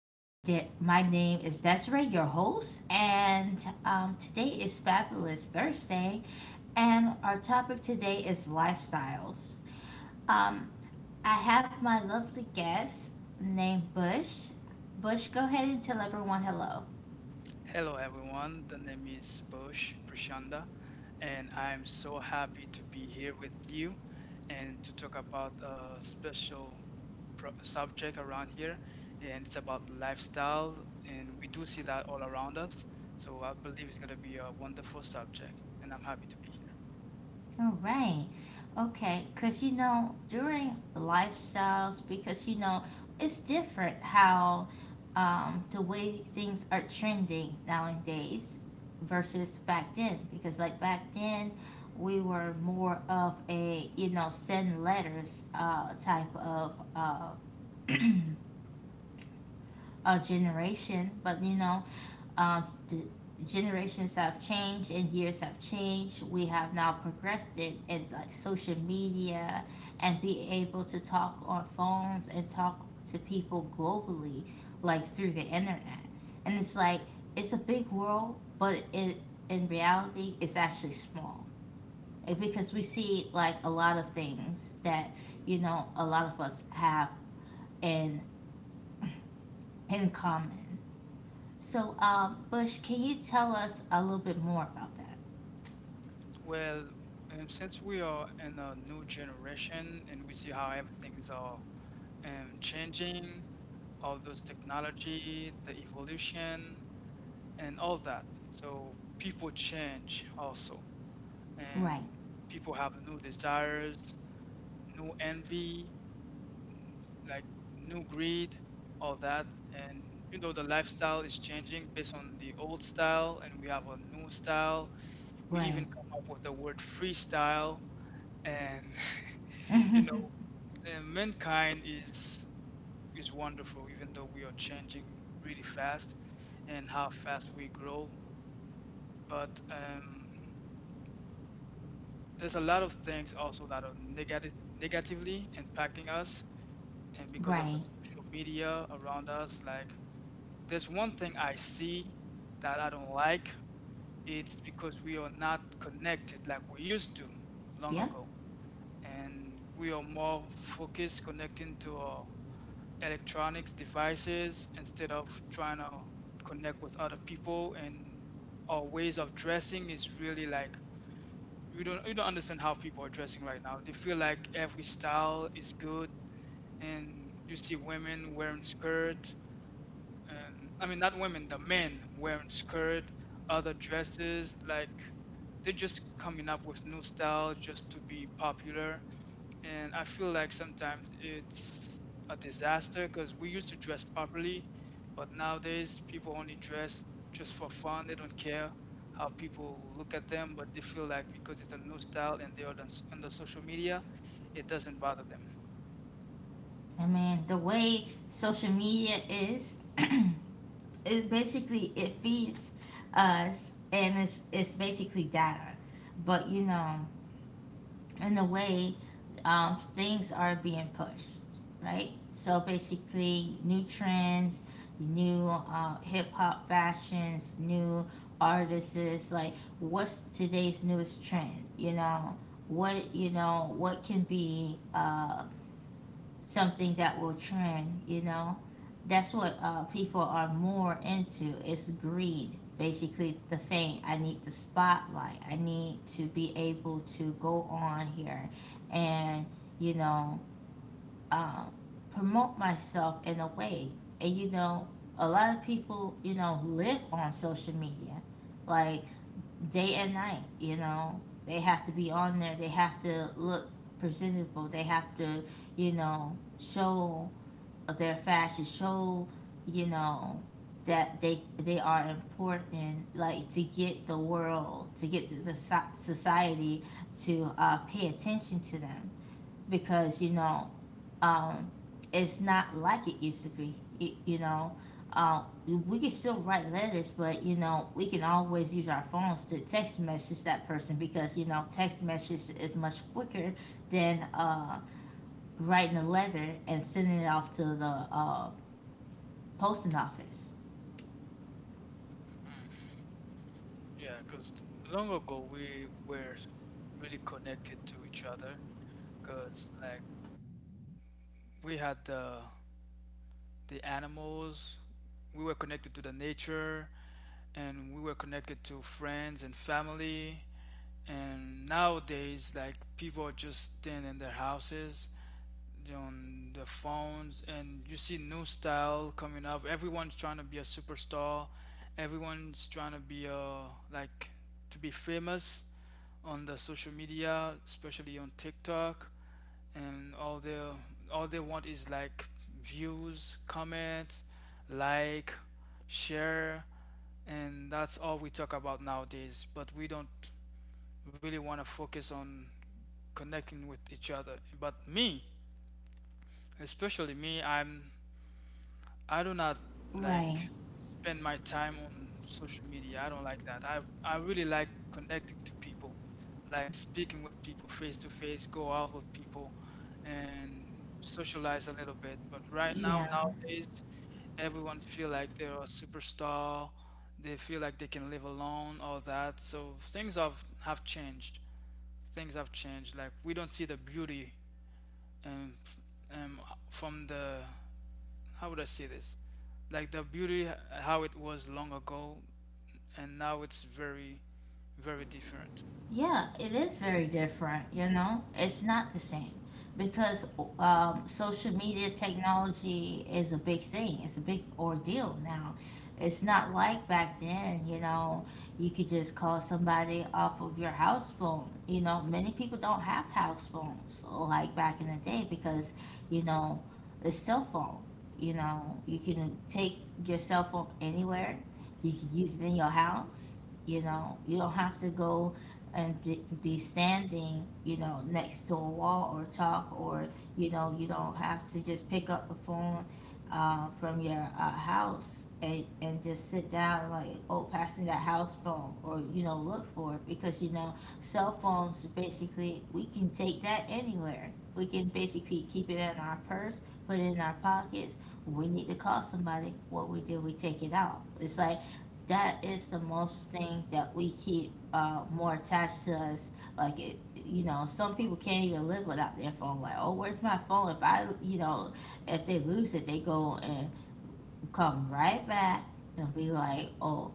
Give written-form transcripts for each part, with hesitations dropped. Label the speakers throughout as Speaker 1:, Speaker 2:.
Speaker 1: My name is Desiree, your host, and today is Fabulous Thursday, and our topic today is lifestyles. Um, I have my lovely guest named Bush. Bush, go ahead and tell everyone hello.
Speaker 2: Hello, everyone. The name is Bush Prashanda, and I'm so happy to be here with you and to talk about a special subject around here. And it's about lifestyle, and we do see that all around us. So I believe it's going to be a wonderful subject, and I'm happy to be here.
Speaker 1: All right. Okay. Because, you know, during lifestyles, because, you know, it's different how the way things are trending nowadays versus back then. Because, like, back then, we were more of a, you know, send letters type of a generation. But, you know, the generations have changed and years have changed. We have now progressed it in like social media and be able to talk on phones and talk to people globally, like through the internet. And it's like it's a big world, but it in reality it's actually small. Like, because we see like a lot of things that you know a lot of us have in in common. So, Bush, can you tell us a little bit more about that?
Speaker 2: Well, since we are in a new generation and we see how everything's are changing, all those technology, the evolution, and all that. So people change also,
Speaker 1: Right,
Speaker 2: and people have new desires, new envy, like new greed, all that, and you know the lifestyle is changing based on the old style, and we have a new style. We
Speaker 1: right,
Speaker 2: even come up with the word freestyle, and you know, and mankind is wonderful, even though we are changing really fast, and how fast we grow. But there's a lot of things also that are negative negatively impacting us, and because of the
Speaker 1: right.
Speaker 2: social media around us, like there's one thing I see that I don't like. It's because we are not connected like we used to long
Speaker 1: Yep.
Speaker 2: ago, and we are more focused connecting to our electronics devices instead of trying to connect with other people. And our ways of dressing is really like you don't understand how people are dressing right now. They feel like every style is good, and you see women wearing skirt, and I mean not women, the men wearing skirt, other dresses, like they're just coming up with new style just to be popular. And I feel like sometimes it's a disaster because we used to dress properly, but nowadays people only dress just for fun. They don't care how people look at them, but they feel like because it's a new style and they are on the social media, it doesn't bother them.
Speaker 1: I mean, the way social media is, it basically it feeds us, and it's basically data. But you know, in the way things are being pushed, right? So basically, new trends, new hip hop fashions, new artists. Like, what's today's newest trend? You know, what can be something that will trend, you know? That's what people are more into is greed. Basically, the fame. I need the spotlight. I need to be able to go on here and, you know, um, promote myself in a way. And, you know, a lot of people, you know, live on social media like day and night, you know. They have to be on there. They have to look presentable. They have to, you know, show of their fashion show, you know, that they are important, like to get the world, to get the society to pay attention to them because you know, um, it's not like it used to be. You, you know, uh, we can still write letters, but you know, we can always use our phones to text message that person because you know, text message is much quicker than writing a letter and sending it off to the post office.
Speaker 2: Yeah, because long ago we were really connected to each other because like we had the animals, we were connected to the nature, and we were connected to friends and family. And nowadays, like, people are just staying in their houses on the phones, and you see new style coming up. Everyone's trying to be a superstar, everyone's trying to be like to be famous on the social media, especially on TikTok. And all they want is like views, comments, like share, and that's all we talk about nowadays. But we don't really want to focus on connecting with each other. But me Especially me, I do not like
Speaker 1: Right.
Speaker 2: spend my time on social media. I don't like that. I really like connecting to people, like speaking with people face to face, go out with people and socialize a little bit. But right now
Speaker 1: Yeah.
Speaker 2: nowadays everyone feel like they're a superstar. They feel like they can live alone, all that. So things have changed. Things have changed. Like we don't see the beauty um, f- um, from the how would I say this? Like the beauty how it was long ago, and now it's very, very different.
Speaker 1: Yeah, it is very different, you know? It's not the same because social media technology is a big thing. It's a big ordeal now. It's not like back then, you know, you could just call somebody off of your house phone. You know, many people don't have house phones like back in the day because, you know, it's cell phone. You know, you can take your cell phone anywhere. You can use it in your house. You know, you don't have to go and be standing, you know, next to a wall or talk, or you know, you don't have to just pick up the phone from your house and just sit down like, oh, passing that house phone, or you know, look for it because you know, cell phones basically we can take that anywhere. We can basically keep it in our purse, put it in our pockets. When we need to call somebody, what we do, we take it out. It's like that is the most thing that we keep more attached to us. Like it, you know, some people can't even live without their phone. Like, oh, where's my phone? If I, you know, if they lose it, they go and come right back and be like, oh,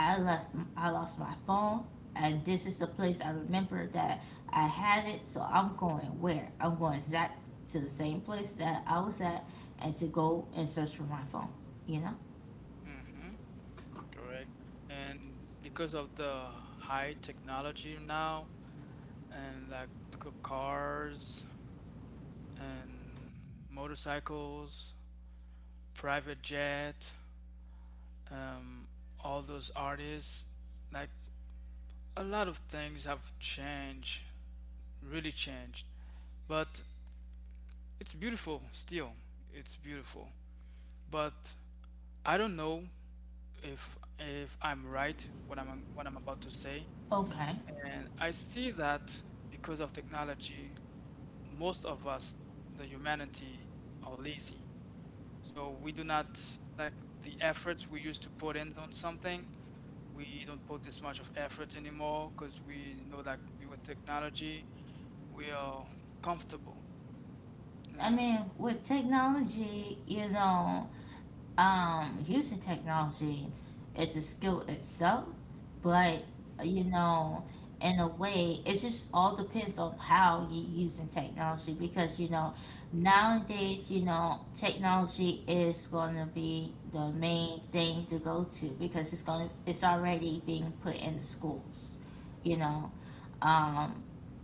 Speaker 1: I left, I lost my phone, and this is the place I remember that I had it. So I'm going where? I'm going exact to the same place that I was at, and to go and search for my phone. You know?
Speaker 2: Hmm. And because of the high technology now, and like cars and motorcycles, private jet, um, all those artists, like a lot of things have changed, really changed. But it's beautiful still. It's beautiful. But I don't know if I'm right what I'm about to say,
Speaker 1: Okay.
Speaker 2: and I see that because of technology, most of us, the humanity, are lazy. So we do not like the efforts we used to put in on something. We don't put this much of effort anymore because we know that with technology, we are comfortable.
Speaker 1: I
Speaker 2: And
Speaker 1: mean, with technology, you know, using technology is a skill itself, but you know, in a way, it just all depends on how you using technology because you know, nowadays, you know, technology is going to be the main thing to go to because it's going to it's already being put in the schools, you know. Um,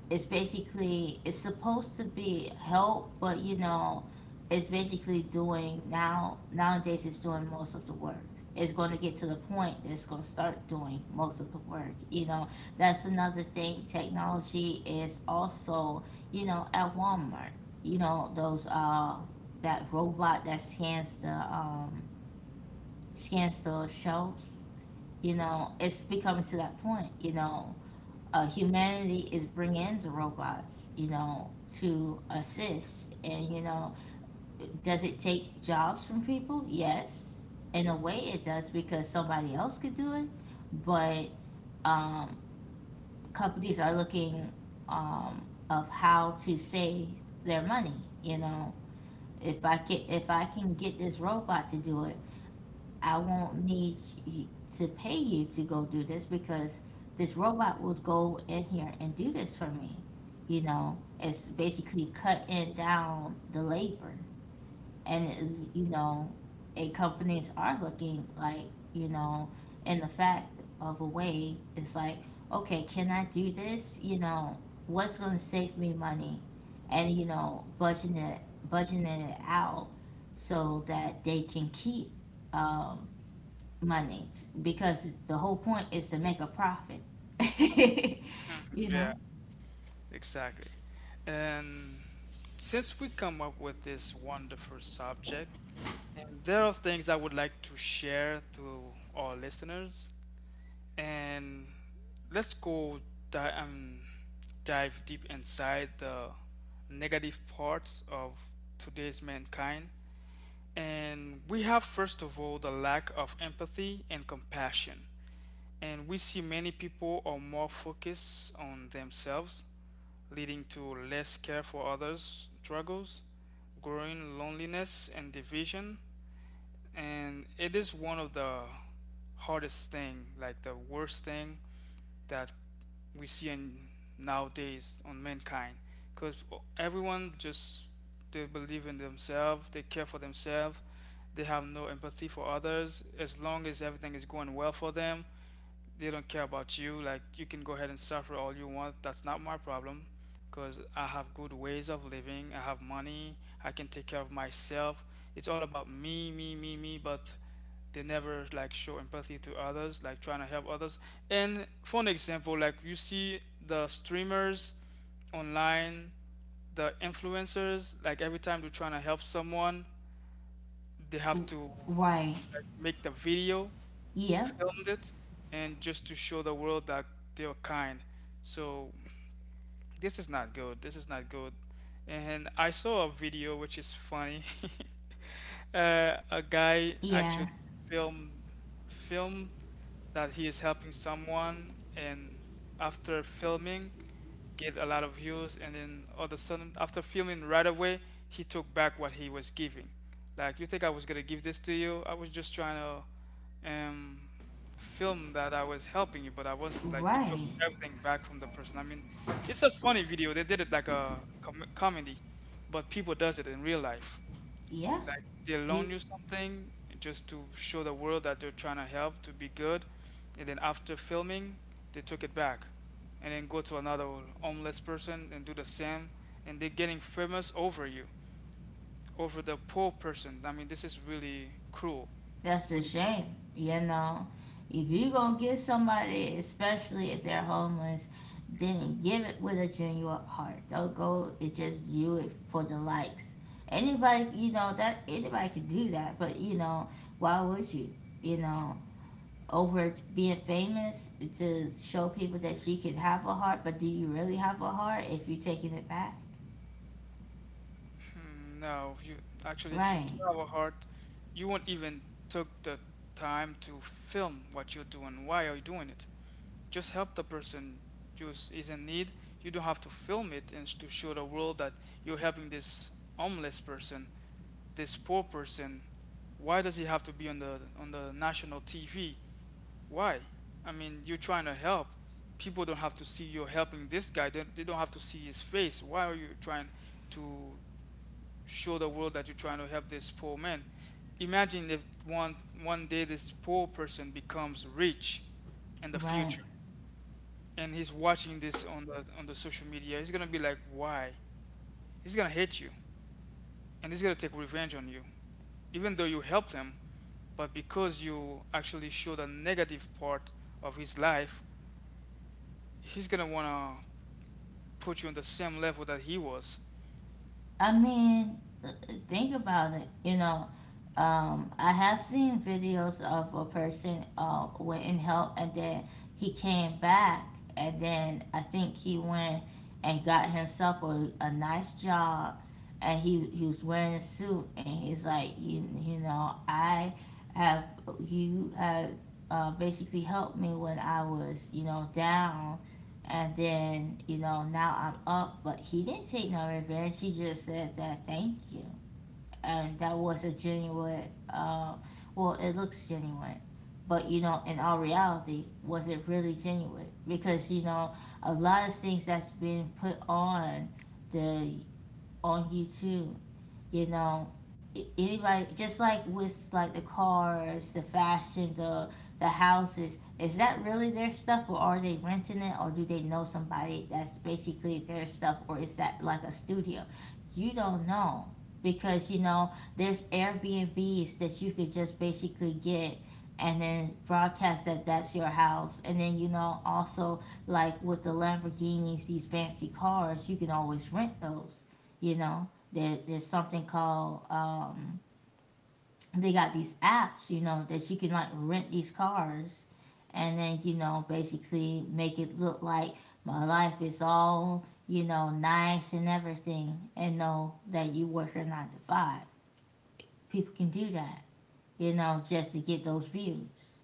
Speaker 1: it's basically it's supposed to be help, but you know it's basically doing now nowadays it's doing most of the work. It's going to get to the point that it's going to start doing most of the work, you know. That's another thing, technology is also, you know, at Walmart, you know those that robot that scans the shelves, you know, it's becoming to that point, you know. Humanity is bringing the robots, you know, to assist. And, you know, does it take jobs from people? Yes. In a way, it does because somebody else could do it. But um, companies are looking of how to save their money. You know, if I can get this robot to do it, I won't need y- to pay you to go do this because this robot would go in here and do this for me. You know, it's basically cutting down the labor. And, it- you know, and companies are looking like, you know, in the fact of a way, it's like, okay, can I do this? You know, what's going to save me money? And, you know, budgeting it out so that they can keep um, money because the whole point is to make a profit. You
Speaker 2: yeah.
Speaker 1: know?
Speaker 2: Exactly. And since we come up with this wonderful subject, and there are things I would like to share to our listeners, and let's go di- um, dive deep inside the negative parts of today's mankind. And we have, first of all, the lack of empathy and compassion. And we see many people are more focused on themselves, leading to less care for others' struggles, growing loneliness and division. And it is one of the hardest thing, like the worst thing that we see in nowadays on mankind, because everyone just they believe in themselves, they care for themselves, they have no empathy for others. As long as everything is going well for them, they don't care about you. Like you can go ahead and suffer all you want. That's not my problem because I have good ways of living. I have money. I can take care of myself. It's all about me, me, me, me, but they never like show empathy to others, like trying to help others. And for an example, like you see the streamers online, the influencers, like every time they're trying to help someone, they have to
Speaker 1: Why?
Speaker 2: like, make the video,
Speaker 1: Yeah.
Speaker 2: filmed it, and just to show the world that they are kind. So this is not good. This is not good. And I saw a video which is funny. A guy
Speaker 1: Yeah.
Speaker 2: actually film film that he is helping someone, and after filming, get a lot of views. And then all of a sudden after filming right away he took back what he was giving. Like, you think I was gonna give this to you? I was just trying to um film that I was helping you, but I wasn't. Like, he took
Speaker 1: Right.
Speaker 2: everything back from the person. I mean, it's a funny video. They did it like a comedy, but people does it in real life.
Speaker 1: Yeah.
Speaker 2: Like, they loan
Speaker 1: People,
Speaker 2: you something just to show the world that they're trying to help to be good, and then after filming, they took it back, and then go to another homeless person and do the same, and they're getting famous over you, over the poor person. I mean, this is really cruel,
Speaker 1: that's a
Speaker 2: really cruel.
Speaker 1: shame. You know, if you gonna give somebody, especially if they're homeless, then give it with a genuine heart. Don't go and just do it for the likes. Anybody, you know that anybody can do that, but you know why would you? You know, over being famous to show people that she can have a heart, but do you really have a heart if you're taking it back?
Speaker 2: Hmm. No, you actually, if you do
Speaker 1: Right,
Speaker 2: have a heart, you won't even took the time to film what you're doing. Why are you doing it? Just help the person who is in need. You don't have to film it and to show the world that you're helping this homeless person, this poor person. Why does he have to be on the national TV? Why? I mean, you're trying to help. People don't have to see you're helping this guy. They don't have to see his face. Why are you trying to show the world that you're trying to help this poor man? Imagine if one day this poor person becomes rich in the
Speaker 1: right.
Speaker 2: future and he's watching this on the social media, he's gonna be like, why? He's gonna hate you, and he's gonna take revenge on you, even though you helped him. But because you actually showed a negative part of his life, he's gonna wanna put you on the same level that he was.
Speaker 1: I mean, think about it. You know, I have seen videos of a person went and helped, and then he came back, and then I think he went and got himself a nice job, and he was wearing a suit, and he's like, have you have basically helped me when I was down, and then, you know, now I'm up, but he didn't take no revenge. He just said that thank you. And that was a genuine, uh, well, it looks genuine. But, you know, in all reality, was it really genuine? Because, you know, a lot of things that's been put on the on YouTube, you know, anybody, just like with like the cars, the fashion, the houses, is that really their stuff, or are they renting it, or do they know somebody that's basically their stuff, or is that like a studio? You don't know, because you know there's Airbnbs that you could just basically get and then broadcast that that's your house, and then you know also, like with the Lamborghinis, these fancy cars, you can always rent those, you know. There's something called they got these apps, you know, that you can like rent these cars, and then you know basically make it look like my life is all you know nice and everything, and know that you work your 9 to 5. People can do that, you know, just to get those views.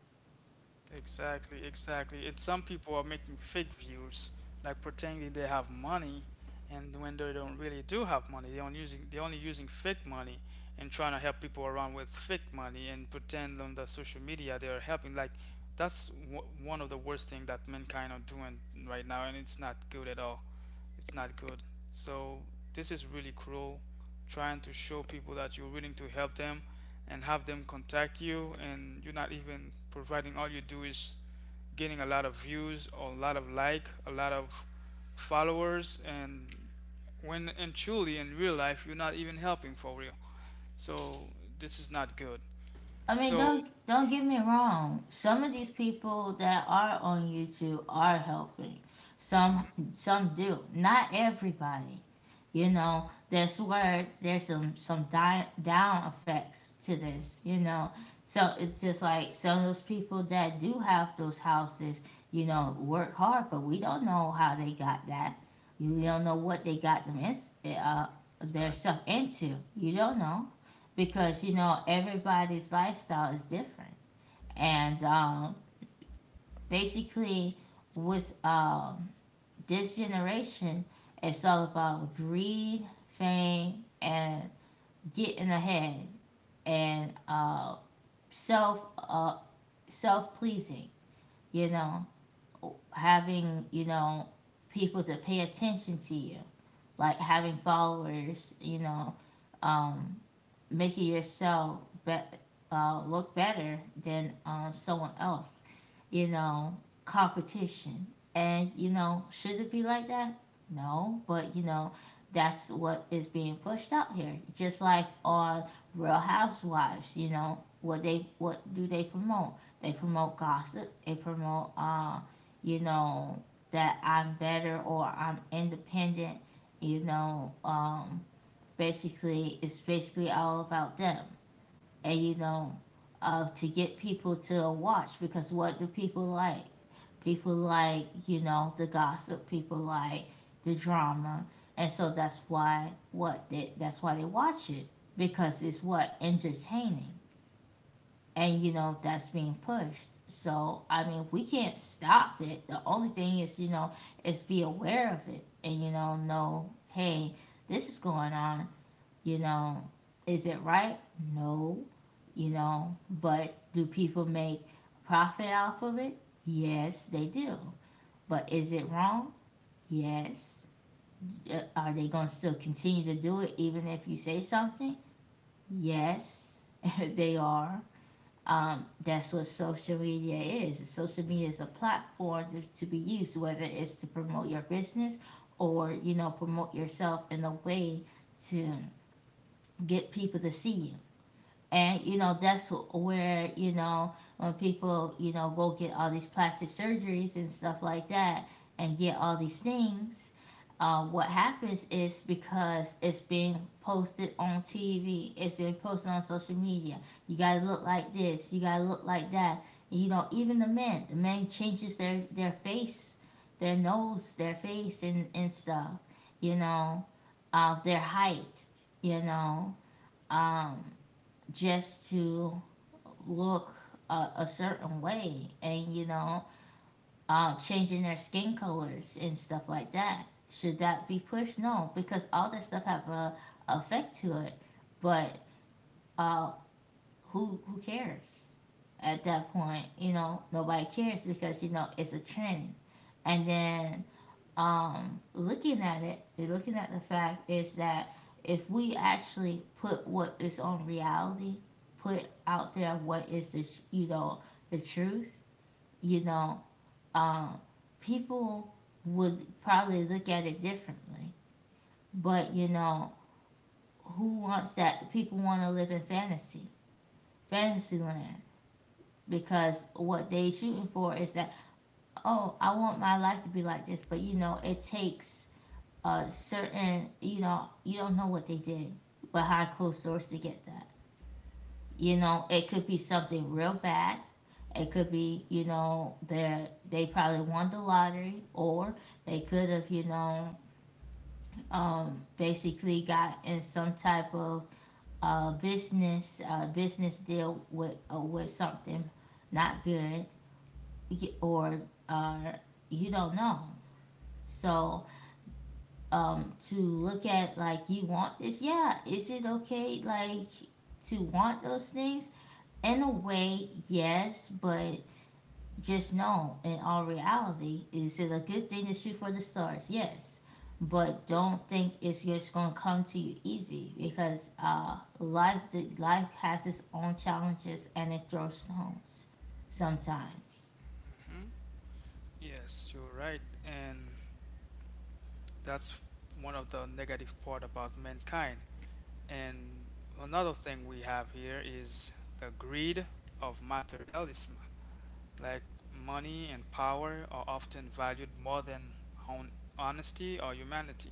Speaker 2: Exactly, exactly. And some people are making fake views, like pretending they have money, and when they don't really do have money, they only using fake money and trying to help people around with fake money and pretend on the social media they are helping. Like that's w one of the worst thing that mankind are doing right now, and it's not good at all. It's not good. So this is really cruel, trying to show people that you're willing to help them and have them contact you, and you're not even providing. All you do is getting a lot of views or a lot of like a lot of followers, and when and truly in real life you're not even helping for real. So this is not good.
Speaker 1: I mean,
Speaker 2: So
Speaker 1: don't get me wrong. Some of these people that are on YouTube are helping. Some
Speaker 2: mhm.
Speaker 1: some do. Not everybody. You know, that's where there's some down effects to this. You know, so it's just like some of those people that do have those houses. You know, work hard, but we don't know how they got that. You don't know what they got them in, their
Speaker 2: Exactly.
Speaker 1: stuff into. You don't know because you know everybody's lifestyle is different, and basically with this generation it's all about greed, fame, and getting ahead, and self uh, self pleasing, you know, having, you know, people to pay attention to you, like having followers, you know, um, making yourself be- look better than someone else, you know, competition. And, you know, should it be like that? No, but, you know, that's what is being pushed out here. Just like on Real Housewives, you know, what do they promote? They promote gossip. They promote, you know, that I'm better or I'm independent. You know, um, basically it's basically all about them and to get people to watch. Because what do people like? People like, you know, the gossip. People like the drama, and so that's why they watch it, because it's what entertaining. And you know that's being pushed, so I mean we can't stop it. The only thing is, you know, is be aware of it, and you know, hey, this is going on, you know, is it right? No. You know, but do people make profit off of it? Yes, they do. But is it wrong? Yes. Are they going to still continue to do it even if you say something? Yes, they are. That's what social media is. Social media is a platform to be used, whether it's to promote your business or, you know, promote yourself in a way to get people to see you. And you know that's where, you know, when people, you know, go get all these plastic surgeries and stuff like that and get all these things. What happens is because it's being posted on TV, it's being posted on social media. You gotta look like this, you gotta look like that. You know, even the men changes their face, their nose, their face, and stuff. You know, their height. You know, um, just to look a certain way and, you know, changing their skin colors and stuff like that. Should that be pushed? No, because all that stuff have a effect to it. But uh, who cares at that point? You know, nobody cares because you know it's a trend. And then looking at it, looking at the fact is that if we actually put what is on reality, put out there what is the, you know, the truth, you know, um, people would probably look at it differently. But you know, who wants that? People want to live in fantasy, fantasy land. Because what they shooting for is that, oh, I want my life to be like this, but you know it takes certain, you know, you don't know what they did behind closed doors to get that. You know, it could be something real bad. It could be, you know, they probably won the lottery, or they could have, you know, basically got in some type of business deal with something not good, or uh, you don't know. So to look at like you want this. Yeah, is it okay like to want those things? In a way, yes, but just know in all reality, is it a good thing to shoot for the stars? Yes, but don't think it's just gonna come to you easy because life life has its own challenges and it throws stones sometimes.
Speaker 2: Yes, you're right. And that's one of the negative part about mankind. And another thing we have here is the greed of materialism. Like money and power are often valued more than honesty or humanity.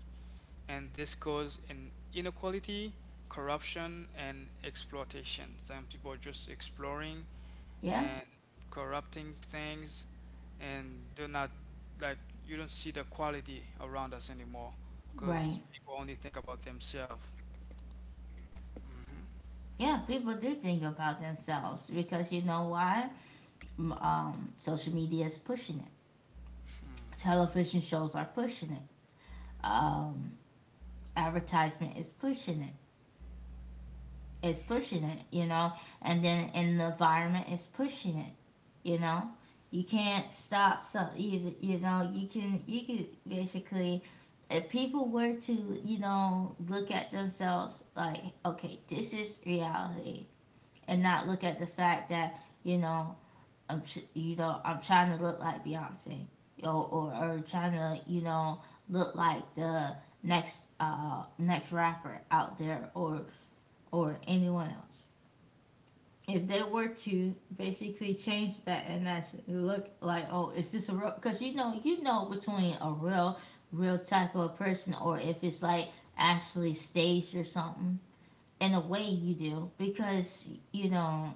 Speaker 2: And this causes in inequality, corruption, and exploitation. Some people are just exploring
Speaker 1: Yeah,
Speaker 2: and corrupting things, and they're not like you don't see the quality around us anymore because
Speaker 1: right.
Speaker 2: people only think about themselves. Mhm.
Speaker 1: Yeah, people do think about themselves because you know why? Social media is pushing it. Television shows are pushing it. Um, Advertisement is pushing it. It's pushing it, you know. And then in the environment is pushing it, you know. You can't stop some. You know you can basically, if people were to you know look at themselves like, okay, this is reality, and not look at the fact that, you know, I'm, you know, I'm trying to look like Beyonce, yo, or trying to, you know, look like the next next rapper out there or anyone else. If they were to basically change that and actually look like, oh, is this a real? Because you know between a real real type of person or if it's like actually staged or something. In a way, you do because you know,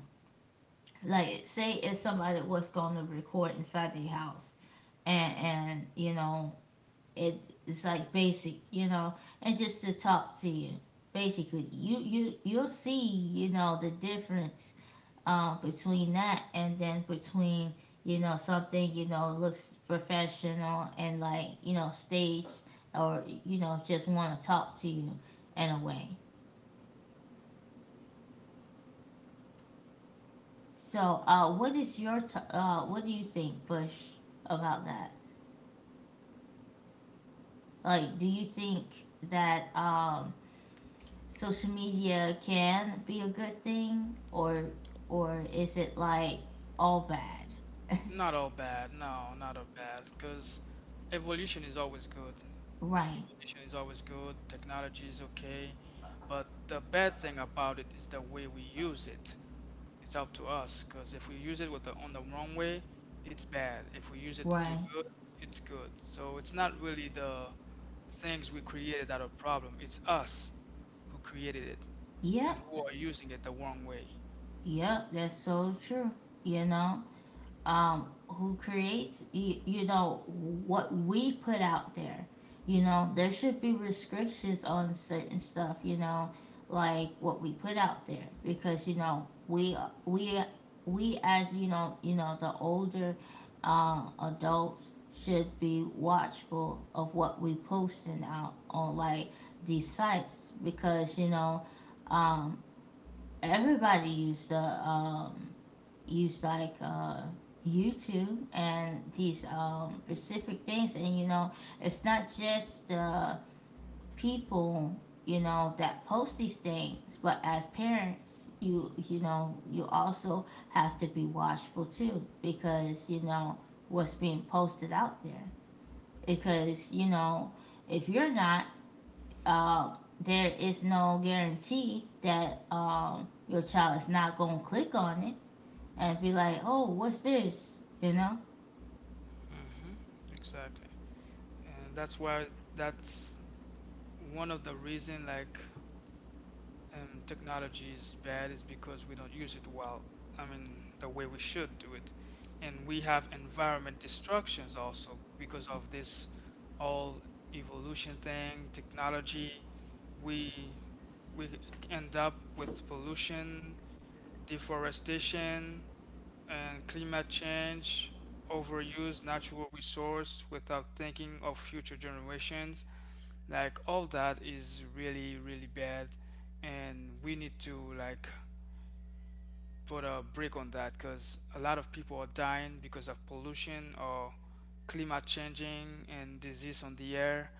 Speaker 1: like say if somebody was going to record inside their house and you know it it's like basic, you know, and just to talk to you basically you'll see, you know, the difference, between that and then between, you know, something, you know, looks professional and like, you know, staged or, you know, just want to talk to you in a way. So what do you think bush about that? Like do you think that social media can be a good thing or is it like all bad?
Speaker 2: Not all bad. No, not all bad. Because evolution is always good.
Speaker 1: Right,
Speaker 2: Evolution is always good. Technology is okay. But the bad thing about it is the way we use it. It's up to us. Because if we use it on the wrong way, it's bad. If we use it to do
Speaker 1: right.
Speaker 2: good, it's good. So it's not really the things we created that are problem. It's us who created it and who
Speaker 1: Yep,
Speaker 2: are using it the wrong way.
Speaker 1: yep, that's so true, you know. Who creates, you know, what we put out there. You know, there should be restrictions on certain stuff, you know, like what we put out there because, we, we as, you know, the older adults should be watchful of what we posting out on like these sites because, um, everybody used to, use like YouTube and these specific things. And you know, it's not just the people, you know, that post these things, but as parents, you know you also have to be watchful too because you know what's being posted out there. Because you know if you're not, uh, there is no guarantee that your child is not going to click on it and be like, oh, what's this? You know?
Speaker 2: Exactly. And that's why that's one of the reason like technology is bad is because we don't use it well. I mean, the way we should do it, and we have environment destructions also because of this all evolution thing, technology. We we end up with pollution, deforestation, and climate change, overuse natural resource without thinking of future generations, like all that is really really bad, and we need to like put a break on that because a lot of people are dying because of pollution or climate changing and disease on the air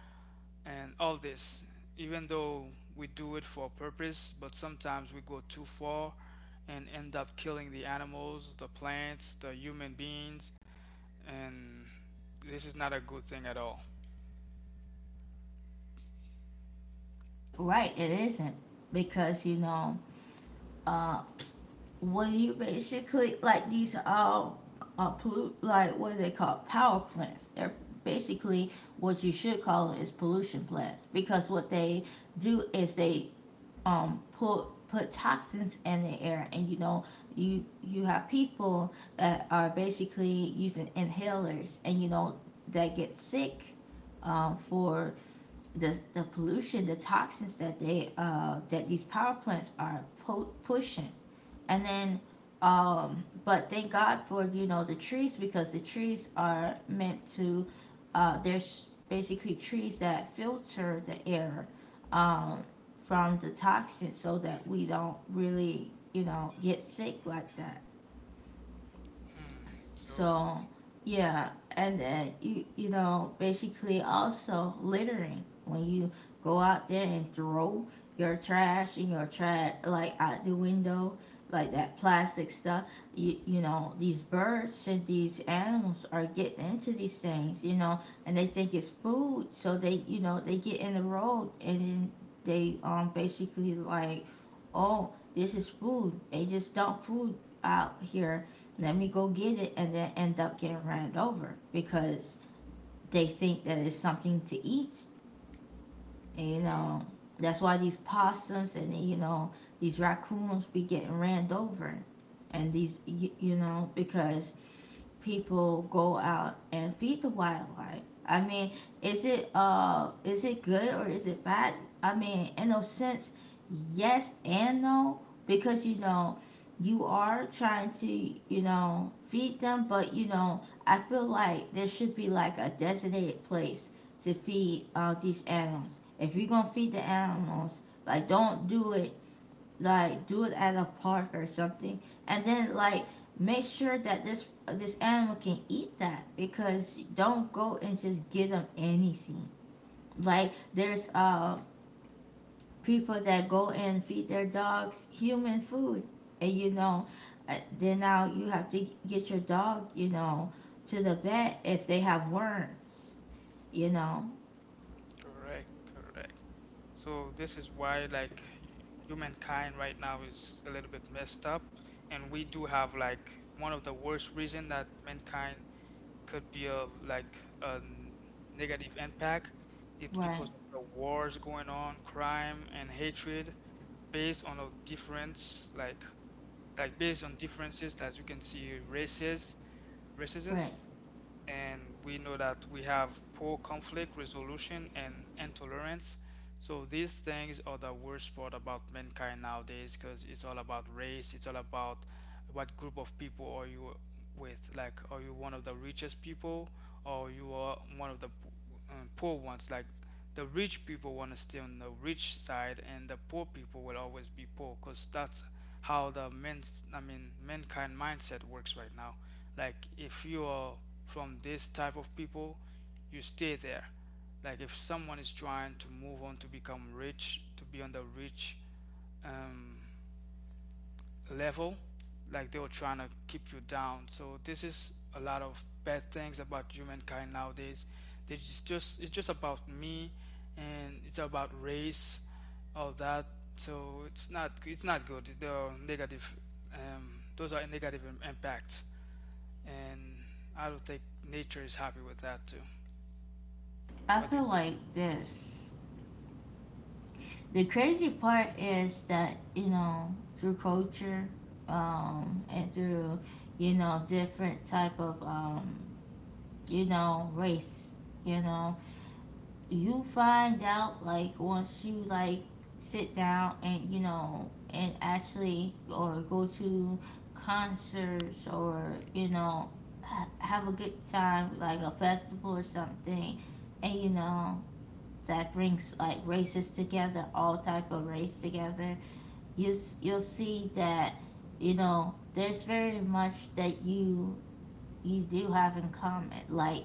Speaker 2: and all this. Even though we do it for a purpose, but sometimes we go too far and end up killing the animals, the plants, the human beings, and this is not a good thing at all.
Speaker 1: Right, it isn't. Because, you know, when you basically, like, these are all pollute, like, what is it called? Power plants. They're basically what you should call them is pollution plants. Because what they do is they, put put toxins in the air, and you know you you have people that are basically using inhalers and you know that get sick for the pollution, the toxins that they that these power plants are po- pushing, and then but thank God for you know the trees, because the trees are meant to there's basically trees that filter the air um, from the toxins so that we don't really you know get sick like that.
Speaker 2: Hmm. So
Speaker 1: So, yeah, and then you know basically also littering, when you go out there and throw your trash and your trash like out the window, like that plastic stuff, you know these birds and these animals are getting into these things, you know, and they think it's food, so they you know they get in the road, and then they basically like, oh, this is food, they just dump food out here, let me go get it, and then end up getting ran over because they think that it's something to eat. And, you know, that's why these possums and, you know, these raccoons be getting ran over. And these, you know, because people go out and feed the wildlife? I mean, is it good or is it bad? I mean, in a sense, yes and no, because you know you are trying to you know feed them, but you know I feel like there should be like a designated place to feed these animals. If you're gonna feed the animals, like don't do it, like do it at a park or something, and then like make sure that this animal can eat that, because don't go and just give them anything. Like there's people that go and feed their dogs human food, and you know, then now you have to get your dog, you know, to the vet if they have worms, you know.
Speaker 2: Correct, correct. So this is why like humankind right now is a little bit messed up, and we do have like one of the worst reason that mankind could be of like a negative impact. It's
Speaker 1: Right,
Speaker 2: because of the wars going on, crime and hatred based on a difference like based on differences, as you can see, races, racism,
Speaker 1: right.
Speaker 2: and we know that we have poor conflict resolution and intolerance. So these things are the worst part about mankind nowadays because it's all about race, it's all about what group of people are you with. Like, are you one of the richest people or you are one of the poor ones? Like, the rich people want to stay on the rich side and the poor people will always be poor because that's how the mankind mindset works right now, like if you are from this type of people you stay there, like if someone is trying to move on to become rich, to be on the rich um, level, like they were trying to keep you down. So this is a lot of bad things about humankind nowadays. They just, it's just about me, and it's about race, all that. So it's not, it's not good, the negative, those are negative impacts. And I don't think nature is happy with that too.
Speaker 1: I
Speaker 2: What do you
Speaker 1: feel
Speaker 2: think?
Speaker 1: like this. The crazy part is that you know through culture, and through, you know, different type of, you know, race, you know, you find out like once you like sit down and you know and actually or go to concerts or you know have a good time like a festival or something, and you know that brings like races together, all type of race together. You'll see that, you know, there's very much that you do have in common, like,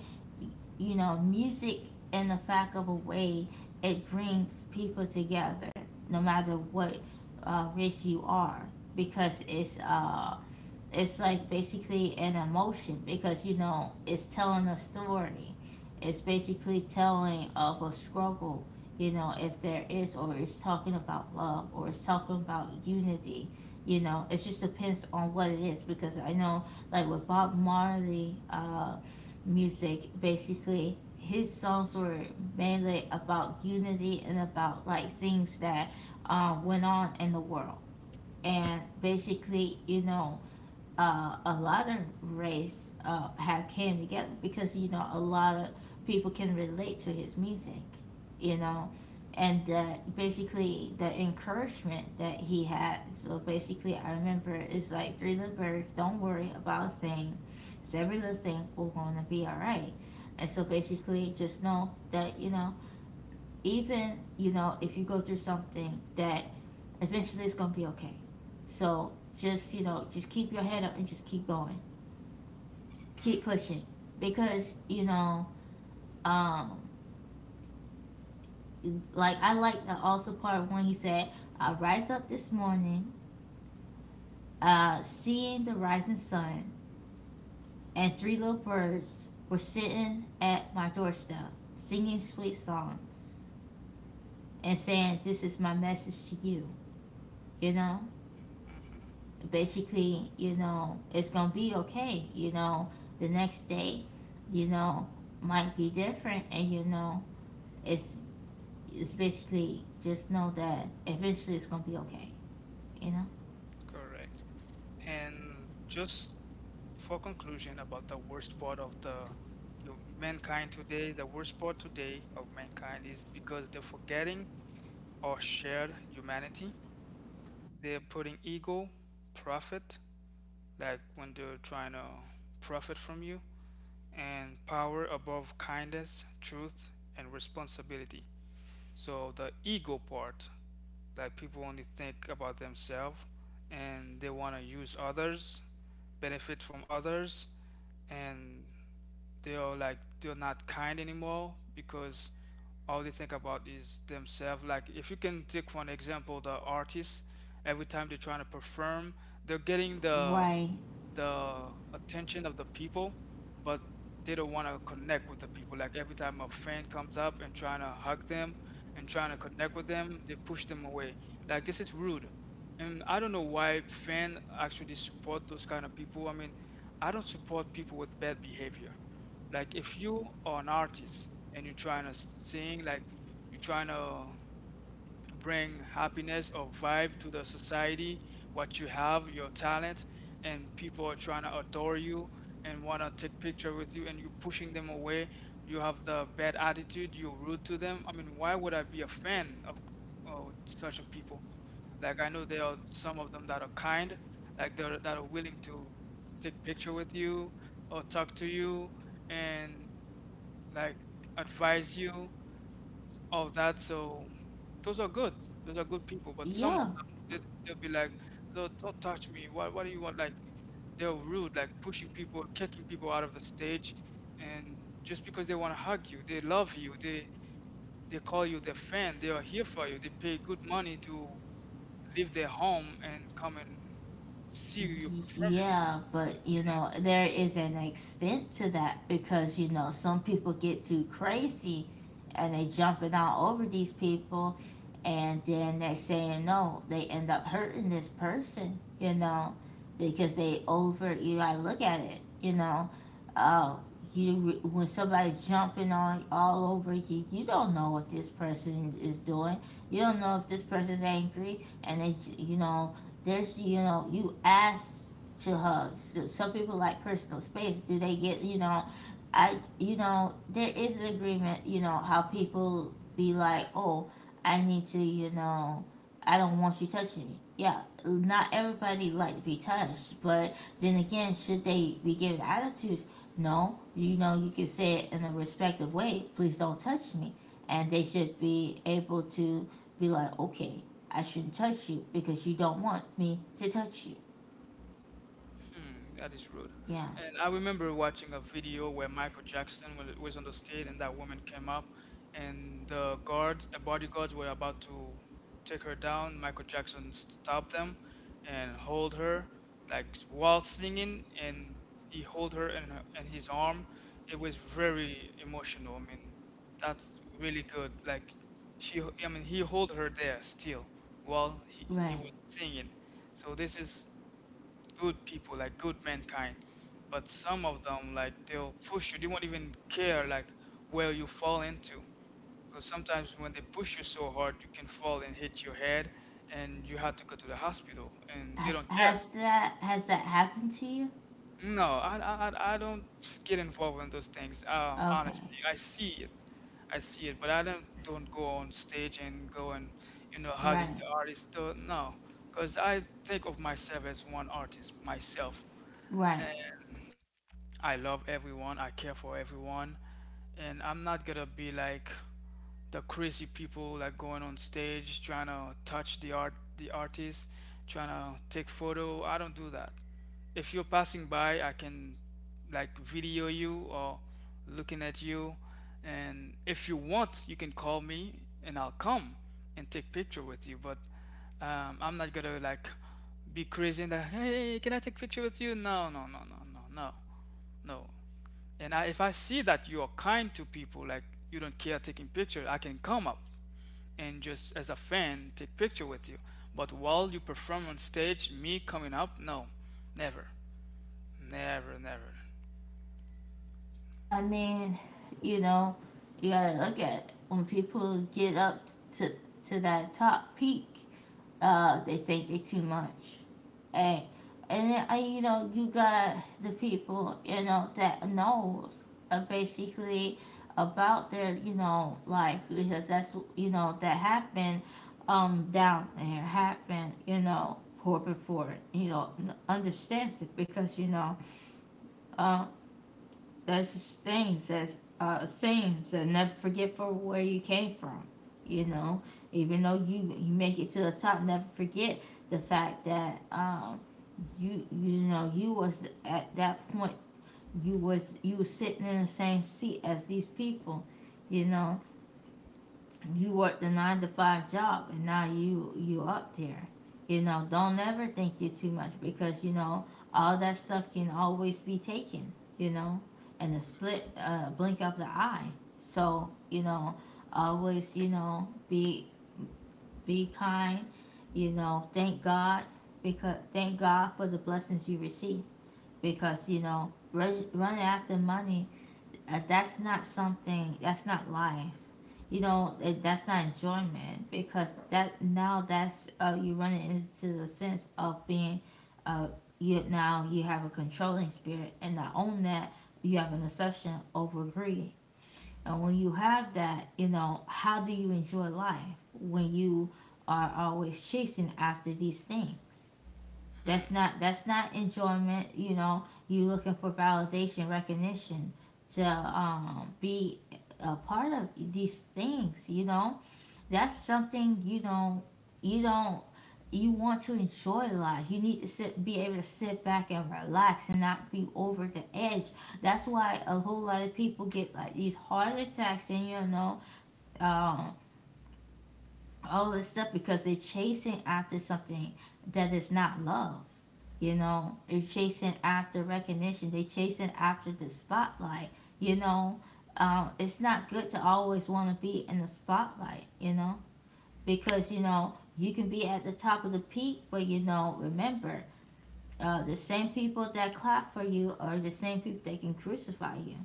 Speaker 1: you know, music, in the fact of a way, it brings people together no matter what race you are, because it's like basically an emotion, because you know it's telling a story, it's basically telling of a struggle, you know, if there is, or it's talking about love or it's talking about unity. You know, it just depends on what it is, because I know like with Bob Marley, music basically his songs were mainly about unity and about like things that went on in the world. And basically, you know, a lot of race have came together because you know a lot of people can relate to his music, you know, and that basically the encouragement that he had. So basically, I remember it's like three little birds, don't worry about a thing. It's every little thing we're gonna be all right. And so basically, just know that even if you go through something that eventually it's gonna be okay. So just, just keep your head up and just keep going, keep pushing because you know um like I like the also part when he said, I rise up this morning, seeing the rising sun, and three little birds were sitting at my doorstep singing sweet songs and saying, this is my message to you you know
Speaker 2: hmm
Speaker 1: Basically, it's gonna be okay. The next day, you know, might be different, and it's it's basically just know that eventually it's gonna be okay. You know,
Speaker 2: Correct. And just for conclusion about the worst part of the you mankind today, the worst part today of mankind is because they're forgetting our shared humanity. They're putting ego, profit, like when they're trying to profit from you, and power above kindness, truth, and responsibility. So the ego part. Like people only think about themselves and they want to use others, benefit from others, and they're like they're not kind anymore because all they think about is themselves. Like if you can take for an example the artists, every time they're trying to perform, they're getting the
Speaker 1: right?
Speaker 2: the attention of the people, but they don't want to connect with the people. Like every time a fan comes up and trying to hug them and trying to connect with them, they push them away. Like this is rude. And I don't know why fan actually support those kind of people. I mean, I don't support people with bad behavior. Like if you are an artist and you're trying to sing, like you're trying to bring happiness or vibe to the society, what you have, your talent, and people are trying to adore you and want to take picture with you and you're pushing them away. You have the bad attitude, you're rude to them. I mean, why would I be a fan of such a people? Like I know there are some of them that are kind, like they're that are willing to take picture with you or talk to you and like advise you. Oh, that, so. Those are good. Those are good people. But some of
Speaker 1: Yeah,
Speaker 2: them, they, they'll be like, don't touch me. What do you want? Like, they're rude, like pushing people, kicking people out of the stage. And just because they want to hug you, they love you. They call you their fan. They are here for you. They pay good money to leave their home and come and see your performance.
Speaker 1: yeah, but there is an extent to that, because some people get too crazy and they jumping all over these people, and then they're saying no, they end up hurting this person, because they over, you gotta look at it, you know. Uh you When somebody's jumping on all over you, you don't know what this person is doing. You don't know if this person's angry and they, you know, there's, you ask to hug. So some people like personal space. Do they get, there is an agreement, how people be like, oh, I need to, I don't want you touching me. Yeah, not everybody like to be touched, but then again, should they be given attitudes? No, you can say it in a respectful way. Please don't touch me, and they should be able to be like, okay, I shouldn't touch you because you don't want me to touch you.
Speaker 2: Hmm, that is rude.
Speaker 1: Yeah,
Speaker 2: And I remember watching a video where Michael Jackson was on the stage and that woman came up and the guards, the bodyguards were about to take her down. Michael Jackson stopped them and hold her like while singing, and he hold her in his arm. It was very emotional. I mean, that's really good. Like he hold her there still while he
Speaker 1: right.
Speaker 2: was singing. So this is good people, like good mankind. But some of them, like they'll push you. They won't even care like where you fall into. Because sometimes when they push you so hard, you can fall and hit your head, and you have to go to the hospital, and they don't care.
Speaker 1: Has that happened to you?
Speaker 2: No, I don't get involved in those things.
Speaker 1: Okay,
Speaker 2: Honestly, I see it, but I don't go on stage and go and you know hugging
Speaker 1: right,
Speaker 2: the artist. Though, no, because I think of myself as one artist myself.
Speaker 1: right.
Speaker 2: I love everyone, I care for everyone, and I'm not gonna be like the crazy people like going on stage trying to touch the artist, trying to take photo. I don't do that. If you're passing by, I can like video you or looking at you, and if you want, you can call me and I'll come and take picture with you, but I'm not gonna like be crazy and like, hey, can I take picture with you? No, no, no, no, no, no. No. And I, if I see that you are kind to people, like you don't care taking pictures, I can come up and just as a fan take picture with you. But while you perform on stage, me coming up, no, never, never, never.
Speaker 1: I mean, you know, you gotta look at it. When people get up to to that top peak, they think they too much, and and then, I, you got the people that knows, basically about their, life, because that's, that happened, down there, happened, poor before, understands it, because um there's a saying says never forget for where you came from. You know, even though you make it to the top, never forget the fact that you was at that point, you was sitting in the same seat as these people, you know, you worked a 9 to 5 job, and now you up there. Don't ever think you're too much, because all that stuff can always be taken, you know and a split blink of the eye. So always, be kind. Thank God. Because thank God for the blessings you receive, because running after money, that's not something, that's not life. That's not enjoyment, because that, now that's, you run into the sense of being, uh, you now you have a controlling spirit and not own that. You have an obsession over greed, and when you have that, how do you enjoy life when you are always chasing after these things?
Speaker 2: Hmm.
Speaker 1: That's not enjoyment. You know, you looking for validation, recognition to, be a part of these things. That's something, you don't, you want to enjoy life. You need to sit, be able to sit back and relax and not be over the edge. That's why a whole lot of people get like these heart attacks, and um, all this stuff, because they're chasing after something that is not love. They're chasing after recognition. They chasing after the spotlight. You know, it's not good to always want to be in the spotlight. You know, because you can be at the top of the peak, but, remember, the same people that clap for you are the same people that can crucify you.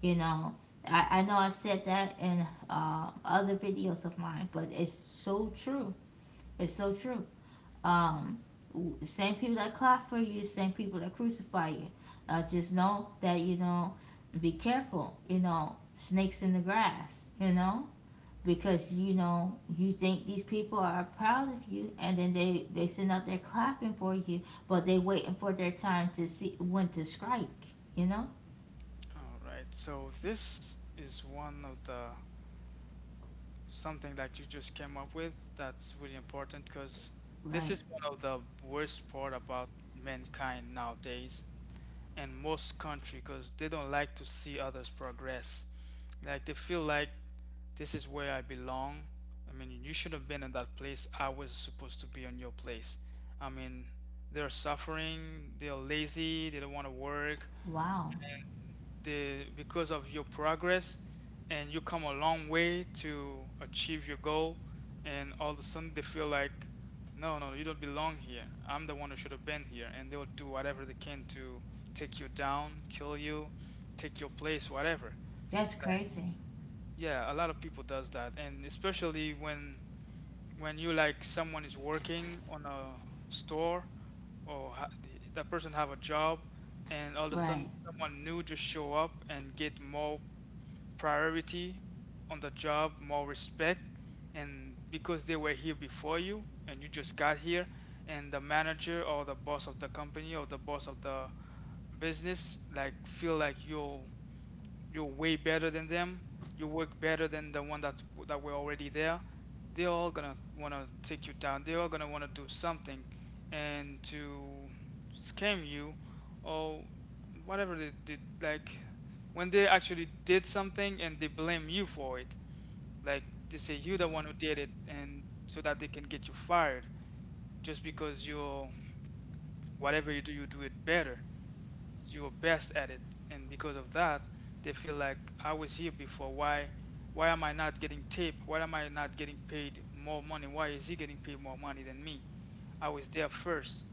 Speaker 1: You know, I know I said that in, other videos of mine, but it's so true. It's so true. Um, the same people that clap for you, the same people that crucify you. Just know that, be careful. You know, snakes in the grass. Because you think these people are proud of you, and then they send out there clapping for you, but they waiting for their time to see when to strike. You know,
Speaker 2: All right. So this is one of the something that you just came up with that's really important because this
Speaker 1: right?
Speaker 2: is one of the worst part about mankind nowadays, in most country, because they don't like to see others progress. Like they feel like this is where I belong. I mean, you should have been in that place. I was supposed to be on your place. I mean, they're suffering. They're lazy. They don't want to work.
Speaker 1: Wow,
Speaker 2: And the because of your progress, and you come a long way to achieve your goal, and all of a sudden they feel like, no no, you don't belong here, I'm the one who should have been here, and they'll do whatever they can to take you down, kill you, take your place, whatever.
Speaker 1: that's
Speaker 2: Like
Speaker 1: crazy.
Speaker 2: yeah, a lot of people does that. And especially when you like someone is working on a store, or that person have a job, and all of a
Speaker 1: Right?
Speaker 2: sudden someone new just show up and get more priority on the job, more respect, and because they were here before you and you just got here, and the manager or the boss of the company or the boss of the business like feel like you're way better than them. You work better than the one that were already there. They're all gonna wanna take you down. They're all gonna wanna do something and to scam you or whatever they did. Like when they actually did something and they blame you for it. Like they say you the one who did it, and so that they can get you fired just because you're whatever you do, you do it better, you're best at it, and because of that they feel like, I was here before, why am I not getting tipped, why am I not getting paid more money, why is he getting paid more money than me, I was there first,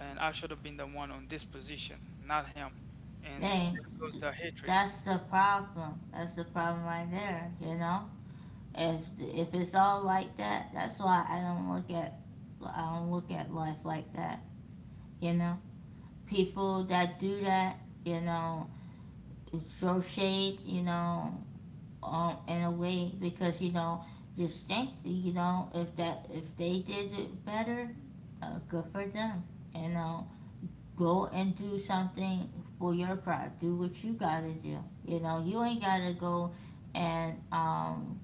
Speaker 2: and I should have been the one on this position, not him. And
Speaker 1: Then
Speaker 2: there goes the hatred.
Speaker 1: that's the problem. That's the problem right there. If it's all like that, that's why I don't look at life like that. You know, people that do that, you know, it's throw shade, in a way. Because just think, if they did it better, good for them. You know, go and do something for your crowd. Do what you gotta do. You ain't gotta go and,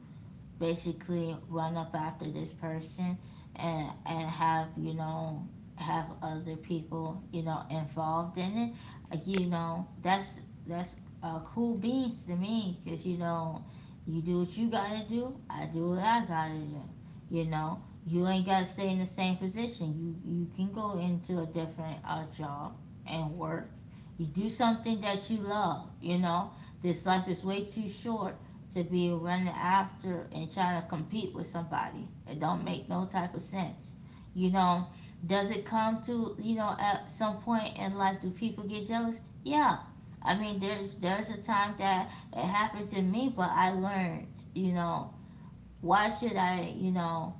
Speaker 1: basically run up after this person, and have, have other people, involved in it. That's cool beans to me, because you do what you gotta do, I do what I gotta do. you know you ain't gotta stay in the same position, you can go into a different, job and work. You do something that you love. This life is way too short to be running after and trying to compete with somebody. It don't make no type of sense. You know, does it come to, at some point in life, do people get jealous? Yeah. I mean, there's a time that it happened to me, but I learned. You know, why should I,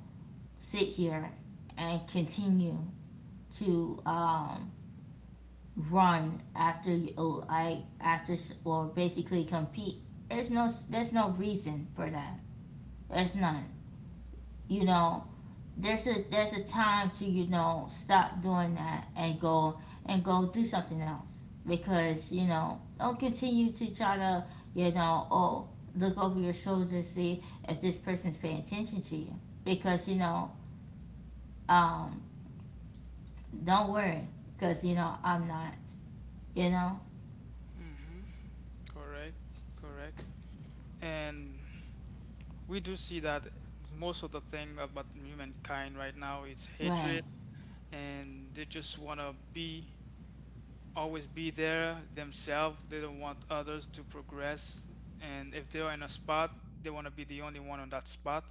Speaker 1: sit here and continue to, run after you, like after, or basically compete? There's no reason for that. There's none. you know there's a time to, stop doing that and go, and go do something else. Because don't continue to try to, oh, look over your shoulder, see if this person's paying attention to you, because um don't worry. Because I'm not. you know
Speaker 2: hmm Correct, correct. And we do see that most of the thing about humankind right now is
Speaker 1: right.
Speaker 2: hatred, and they just want to be always be there themselves. They don't want others to progress. And if they are in a spot, they want to be the only one on that spot,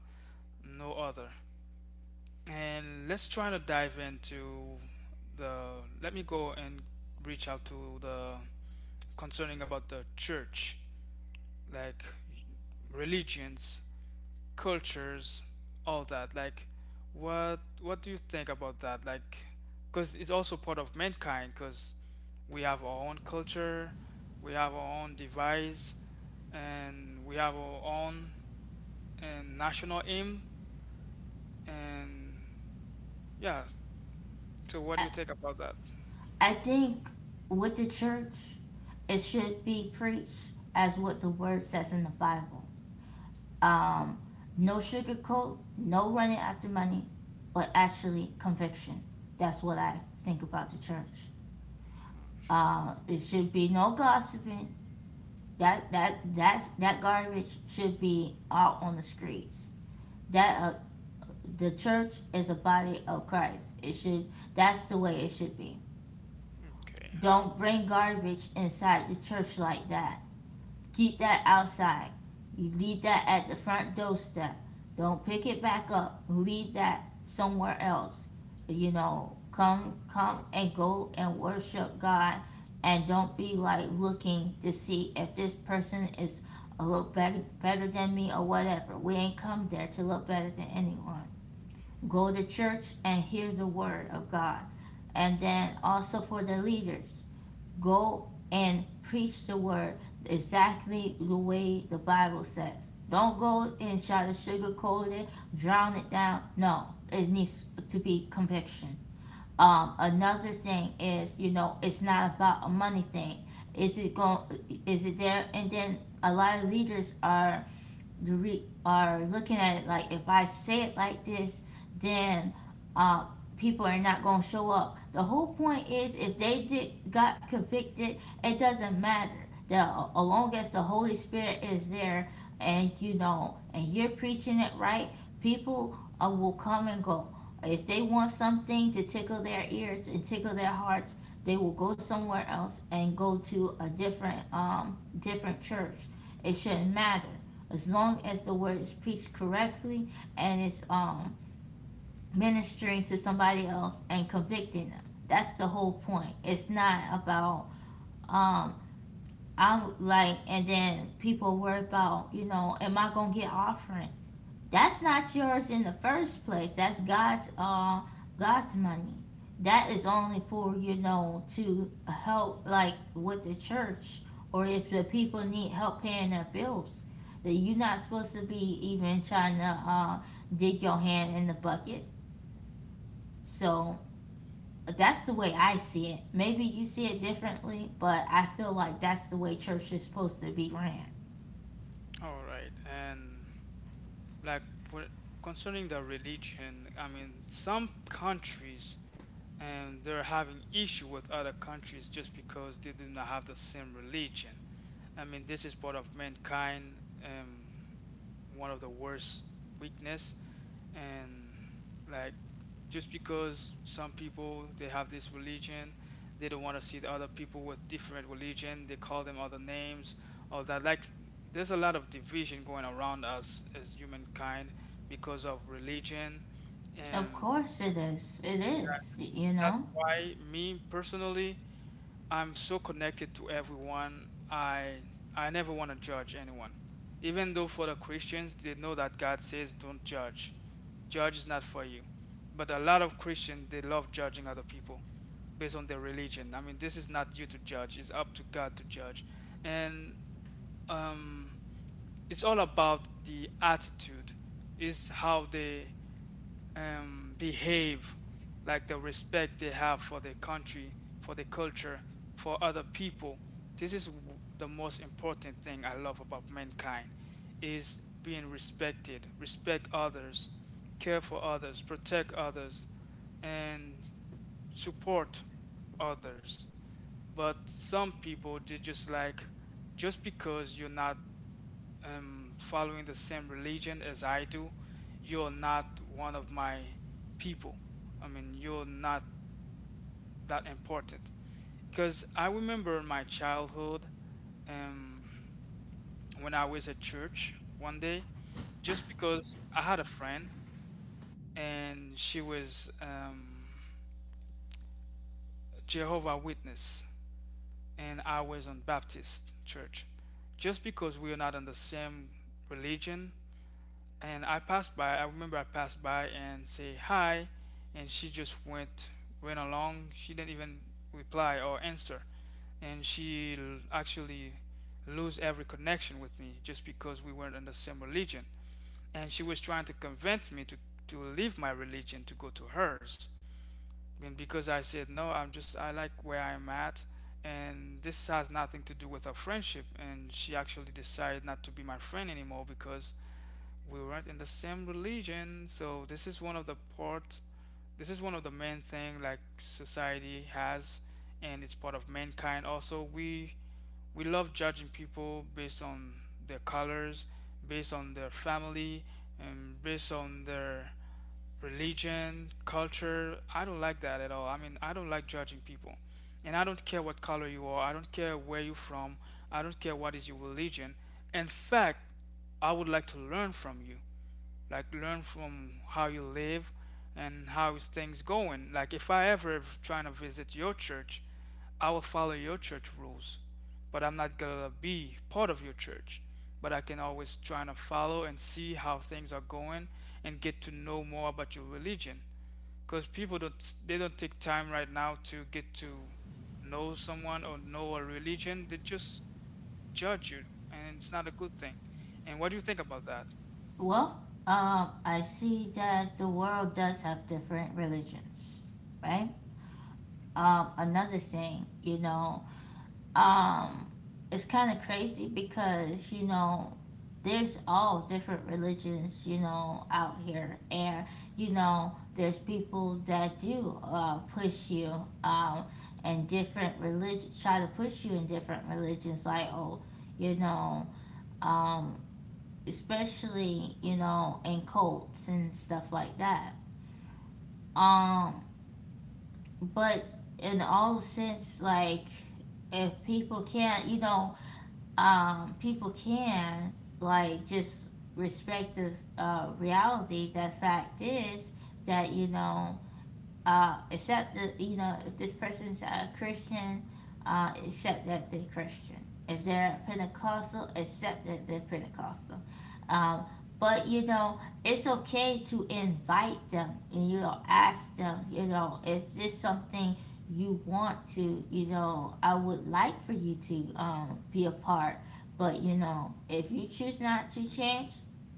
Speaker 2: no other. And let's try to dive into the. Let me go and reach out to the concerning about the church, like religions, cultures, all that. Like, what do you think about that? Like, because it's also part of mankind. Because we have our own culture, we have our own device, and we have our own and national aim. And yeah, so what do
Speaker 1: I,
Speaker 2: you think about that?
Speaker 1: I think with the church, it should be preached as what the word says in the Bible. Um, no sugarcoat, no running after money, but actually conviction. That's what I think about the church. It should be no gossiping. That garbage should be out on the streets. That, the church is a body of Christ. It should that's the way it should be.
Speaker 2: Okay, uh,
Speaker 1: Don't bring garbage inside the church like that. Keep that outside. You leave that at the front doorstep. Don't pick it back up. Leave that somewhere else. You know, come and go and worship God, and don't be like looking to see if this person is a look better, better than me or whatever. We ain't come there to look better than anyone. Go to church and hear the word of God. And then also for the leaders, go and preach the word exactly the way the Bible says. Don't go and try to sugarcoat it, drown it down. No, it needs to be conviction. Another thing is, you know, it's not about a money thing. Is it going? Is it there? And then a lot of leaders are, are looking at it like, if I say it like this, then, uh, people are not going to show up. The whole point is, if they did got convicted, it doesn't matter. The As long as the Holy Spirit is there, and and you're preaching it right, people, will come and go. If they want something to tickle their ears and tickle their hearts, they will go somewhere else and go to a different, church. It shouldn't matter as long as the word is preached correctly, and it's, ministering to somebody else and convicting them. That's the whole point. It's not about, um I'm like, and then people worry about, you know, am I gonna get offering? That's not yours in the first place. That's God's money. That is only for, you know, to help, like, with the church, or if the people need help paying their bills. That you're not supposed to be even trying to, dig your hand in the bucket. So that's the way I see it. Maybe you see it differently, but I feel like that's the way church is supposed to be ran.
Speaker 2: all right. And like wh- concerning the religion, I mean, some countries and they're having issue with other countries just because they do not have the same religion. I mean, this is part of mankind, um, one of the worst weakness, and like just because some people they have this religion, they don't want to see the other people with different religion. They call them other names, all that. Like, there's a lot of division going around us as humankind because of religion,
Speaker 1: Of
Speaker 2: and
Speaker 1: course it is. It is, you
Speaker 2: that's
Speaker 1: know.
Speaker 2: why, me personally, I'm so connected to everyone. I never want to judge anyone. Even though for the Christians, they know that God says don't judge. Judge is not for you. But a lot of Christians, they love judging other people based on their religion. I mean, this is not you to judge. It's up to God to judge. And um, it's all about the attitude. Is how they behave, like the respect they have for their country, for their culture, for other people. This is the most important thing I love about mankind is being respected, respect others, care for others, protect others, and support others. But some people, they just like, just because you're not following the same religion as I do, you're not one of my people. I mean, you're not that important. Because I remember in my childhood, um, when I was at church one day, just because I had a friend and she was Jehovah Witness and I was on Baptist church. Just because we are not on the same religion, and I passed by. I remember I passed by and say hi, and she just went along. She didn't even reply or answer, and she actually lose every connection with me just because we weren't in the same religion. And she was trying to convince me to leave my religion to go to hers, and because I said no, I'm just, I like where I'm at. And this has nothing to do with our friendship. And she actually decided not to be my friend anymore because we weren't in the same religion. So this is one of the part, this is one of the main thing like society has, and it's part of mankind. Also, we love judging people based on their colors, based on their family, and based on their religion, culture. I don't like that at all. I mean, I don't like judging people, and I don't care what color you are, I don't care where you're from, I don't care what is your religion. In fact, I would like to learn from you, like learn from how you live and how is things going. Like, if I ever trying to visit your church, I will follow your church rules, but I'm not gonna be part of your church. But I can always try to follow and see how things are going and get to know more about your religion. Because people don't, they don't take time right now to get to know someone or know a religion. They just judge you, and it's not a good thing. And what do you think about that?
Speaker 1: Well, I see that the world does have different religions, right? Another thing, um, it's kind of crazy because, there's all different religions, out here. And, there's people that do, push you, um, and different religion, try to push you in different religions, like, oh, you know, um, especially in cults and stuff like that. Um, but in all sense, like if people can't, people can like just respect the reality. The fact is that except that you know if this person's a Christian, except that they're Christian. If they're Pentecostal, except that they're Pentecostal. Um, but you know it's okay to invite them and you know ask them. You know, is this something you want to? You know, I would like for you to be a part. But you know, if you choose not to change,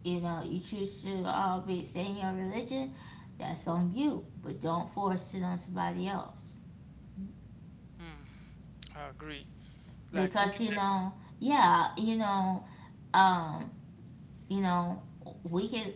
Speaker 1: you know, you choose to be staying in your religion, that's on you, but don't force it on somebody else.
Speaker 2: Hmm, I agree. Like, we
Speaker 1: Because
Speaker 2: could
Speaker 1: you
Speaker 2: never.
Speaker 1: know, yeah, um, you know, we can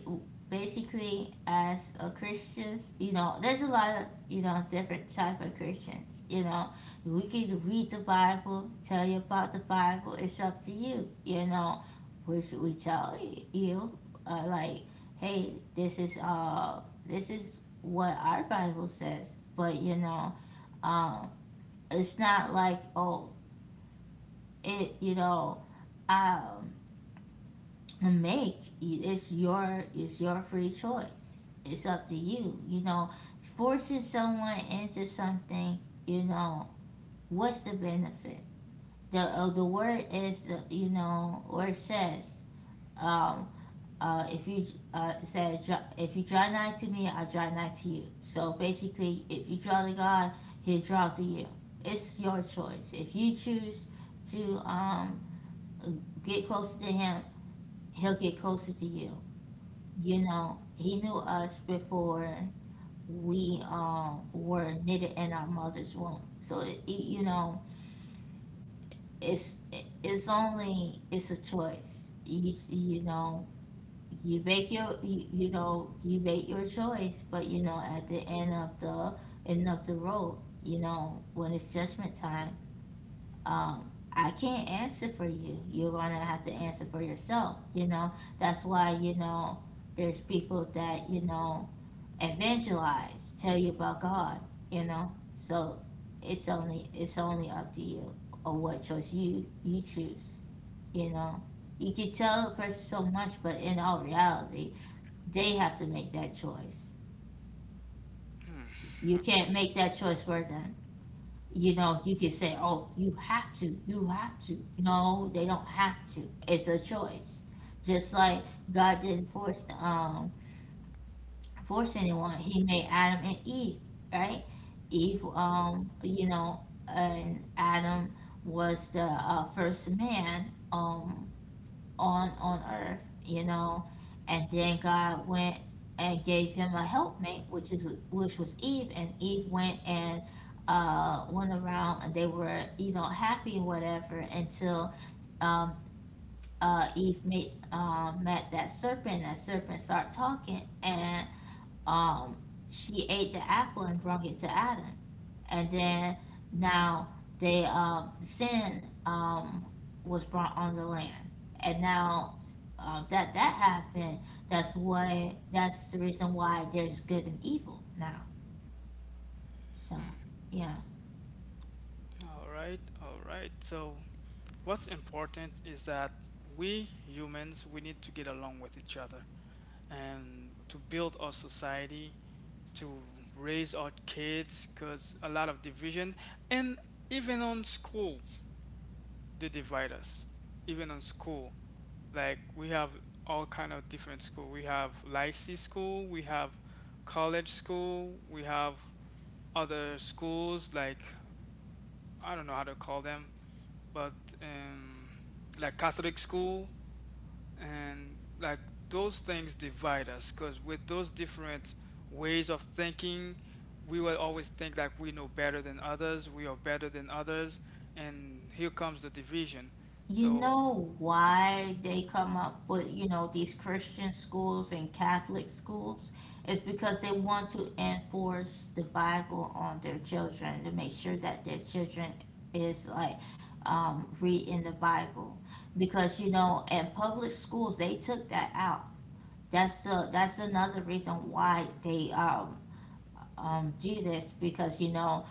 Speaker 1: basically, as a Christians, you know, there's a lot of you know different type of Christians. You know, we can read the Bible, tell you about the Bible. It's up to you. You know, we tell you like, hey, this is what our Bible says, but um it's not like, oh, it you know um make it's your, it's your free choice. It's up to you. You know, forcing someone into something. You know what's the benefit? The word is you know, or it says um if you it says if you draw nigh to me, I draw nigh to you. So basically, if you draw to God, He'll draw to you. It's your choice. If you choose to get closer to him, he'll get closer to you. You know, he knew us before we were knitted in our mother's womb. So you know, it's it's only, it's a choice. You know, you make your, you make your choice, but you know at the end of the road, you know, when it's judgment time, I can't answer for you. You're gonna have to answer for yourself. You know, that's why you know there's people that you know evangelize, tell you about God. You know, so it's only up to you, or what choice you choose. You know, you can tell a person so much, but in all reality, they have to make that choice. You can't make that choice for them. You know, you could say, oh, you have to, you have to. No, they don't have to. It's a choice. Just like God didn't force anyone. He made Adam and Eve, right? Eve, you know, and Adam was the first man. Um, on earth, you know, and then God went and gave him a helpmate, which was Eve, and Eve went and went around, and they were you know happy and whatever until um, Eve made met that serpent. That serpent started talking, and um she ate the apple and brought it to Adam. And then now they sin was brought on the land. And now that happened, that's the reason why there's good and evil now. So
Speaker 2: Hmm.
Speaker 1: yeah.
Speaker 2: All right, all right. So what's important is that we humans, we need to get along with each other and to build our society, to raise our kids. Because a lot of division, and even on school they divide us. Even on school, like, we have all kind of different school. We have lycée school, we have college school, we have other schools like, I don't know how to call them. But um, like Catholic school, and like, those things divide us. Because with those different ways of thinking, we will always think like we know better than others, we are better than others, and here comes the division.
Speaker 1: You
Speaker 2: So,
Speaker 1: know why they come up with, you know, these Christian schools and Catholic schools? It's because they want to enforce the Bible on their children to make sure that their children is like reading the Bible. Because, you know, in public schools, they took that out. That's another reason why they do this, because, you know,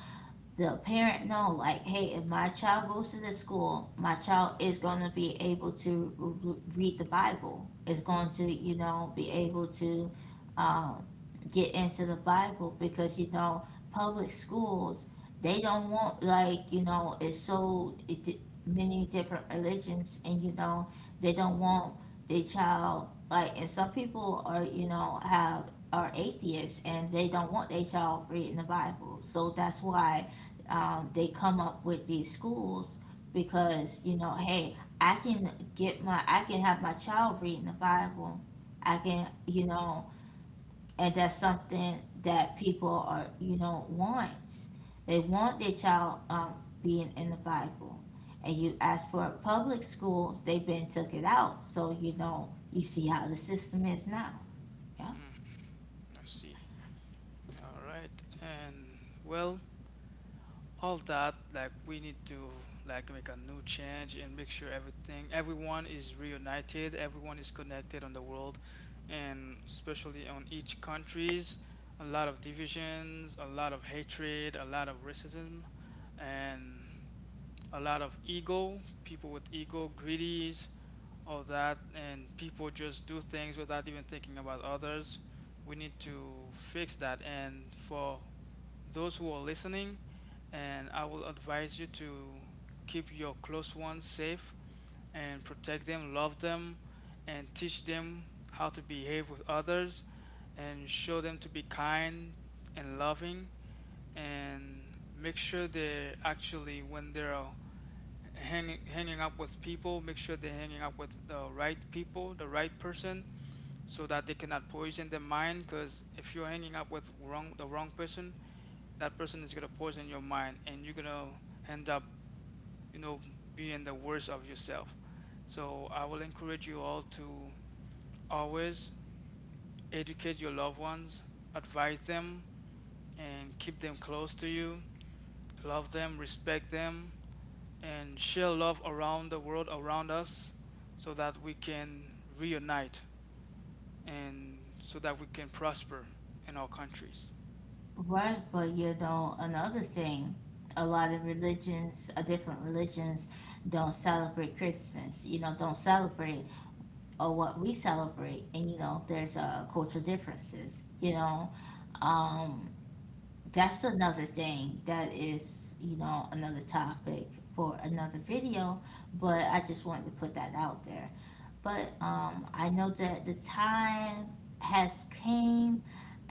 Speaker 1: the parent know like, hey, if my child goes to this school, my child is going to be able to read the Bible, is going to you know be able to um, get into the Bible, because you know public schools, they don't want, like, you know, it's so many different religions, and you know they don't want their child like, and some people are you know have are atheists, and they don't want their child reading the Bible. So that's why they come up with these schools, because you know, hey, I can have my child reading the Bible, I can you know, and that's something that people are you know want, they want their child being in the Bible. And you ask for public schools, they've been took it out. So you know, you see how the system is now. Yeah.
Speaker 2: mm, I see. All right, and well, all that, like, we need to like make a new change and make sure everything, everyone is reunited, everyone is connected on the world, and especially on each countries. A lot of divisions, a lot of hatred, a lot of racism, and a lot of ego, people with ego, greedies, all that. And people just do things without even thinking about others. We need to fix that. And for those who are listening, and I will advise you to keep your close ones safe and protect them, love them, and teach them how to behave with others, and show them to be kind and loving, and make sure they're actually, when they're hanging up with people, make sure they're hanging up with the right people, the right person, so that they cannot poison their mind. Because if you're hanging up with wrong, the wrong person, that person is gonna poison your mind, and you're gonna end up, you know, being the worst of yourself. So I will encourage you all to always educate your loved ones, advise them, and keep them close to you, love them, respect them, and share love around the world around us, so that we can reunite and so that we can prosper in our countries.
Speaker 1: Right, but you know, another thing, a lot of religions, different religions, don't celebrate Christmas. You know, don't celebrate or what we celebrate, and you know, there's cultural differences. You know, um, that's another thing that is, you know, another topic for another video. But I just wanted to put that out there. But I know that the time has came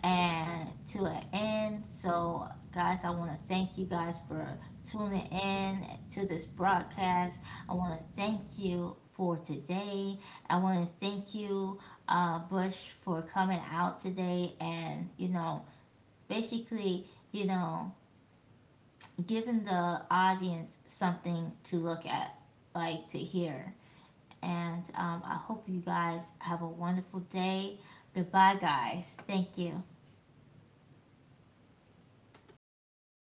Speaker 1: and to an end. So, guys, I want to thank you guys for tuning in to this broadcast. I want to thank you for today. I want to thank you, Bush, for coming out today and, you know, basically, you know, giving the audience something to look at, like to hear. And I hope you guys have a wonderful day. Goodbye, guys. Thank you.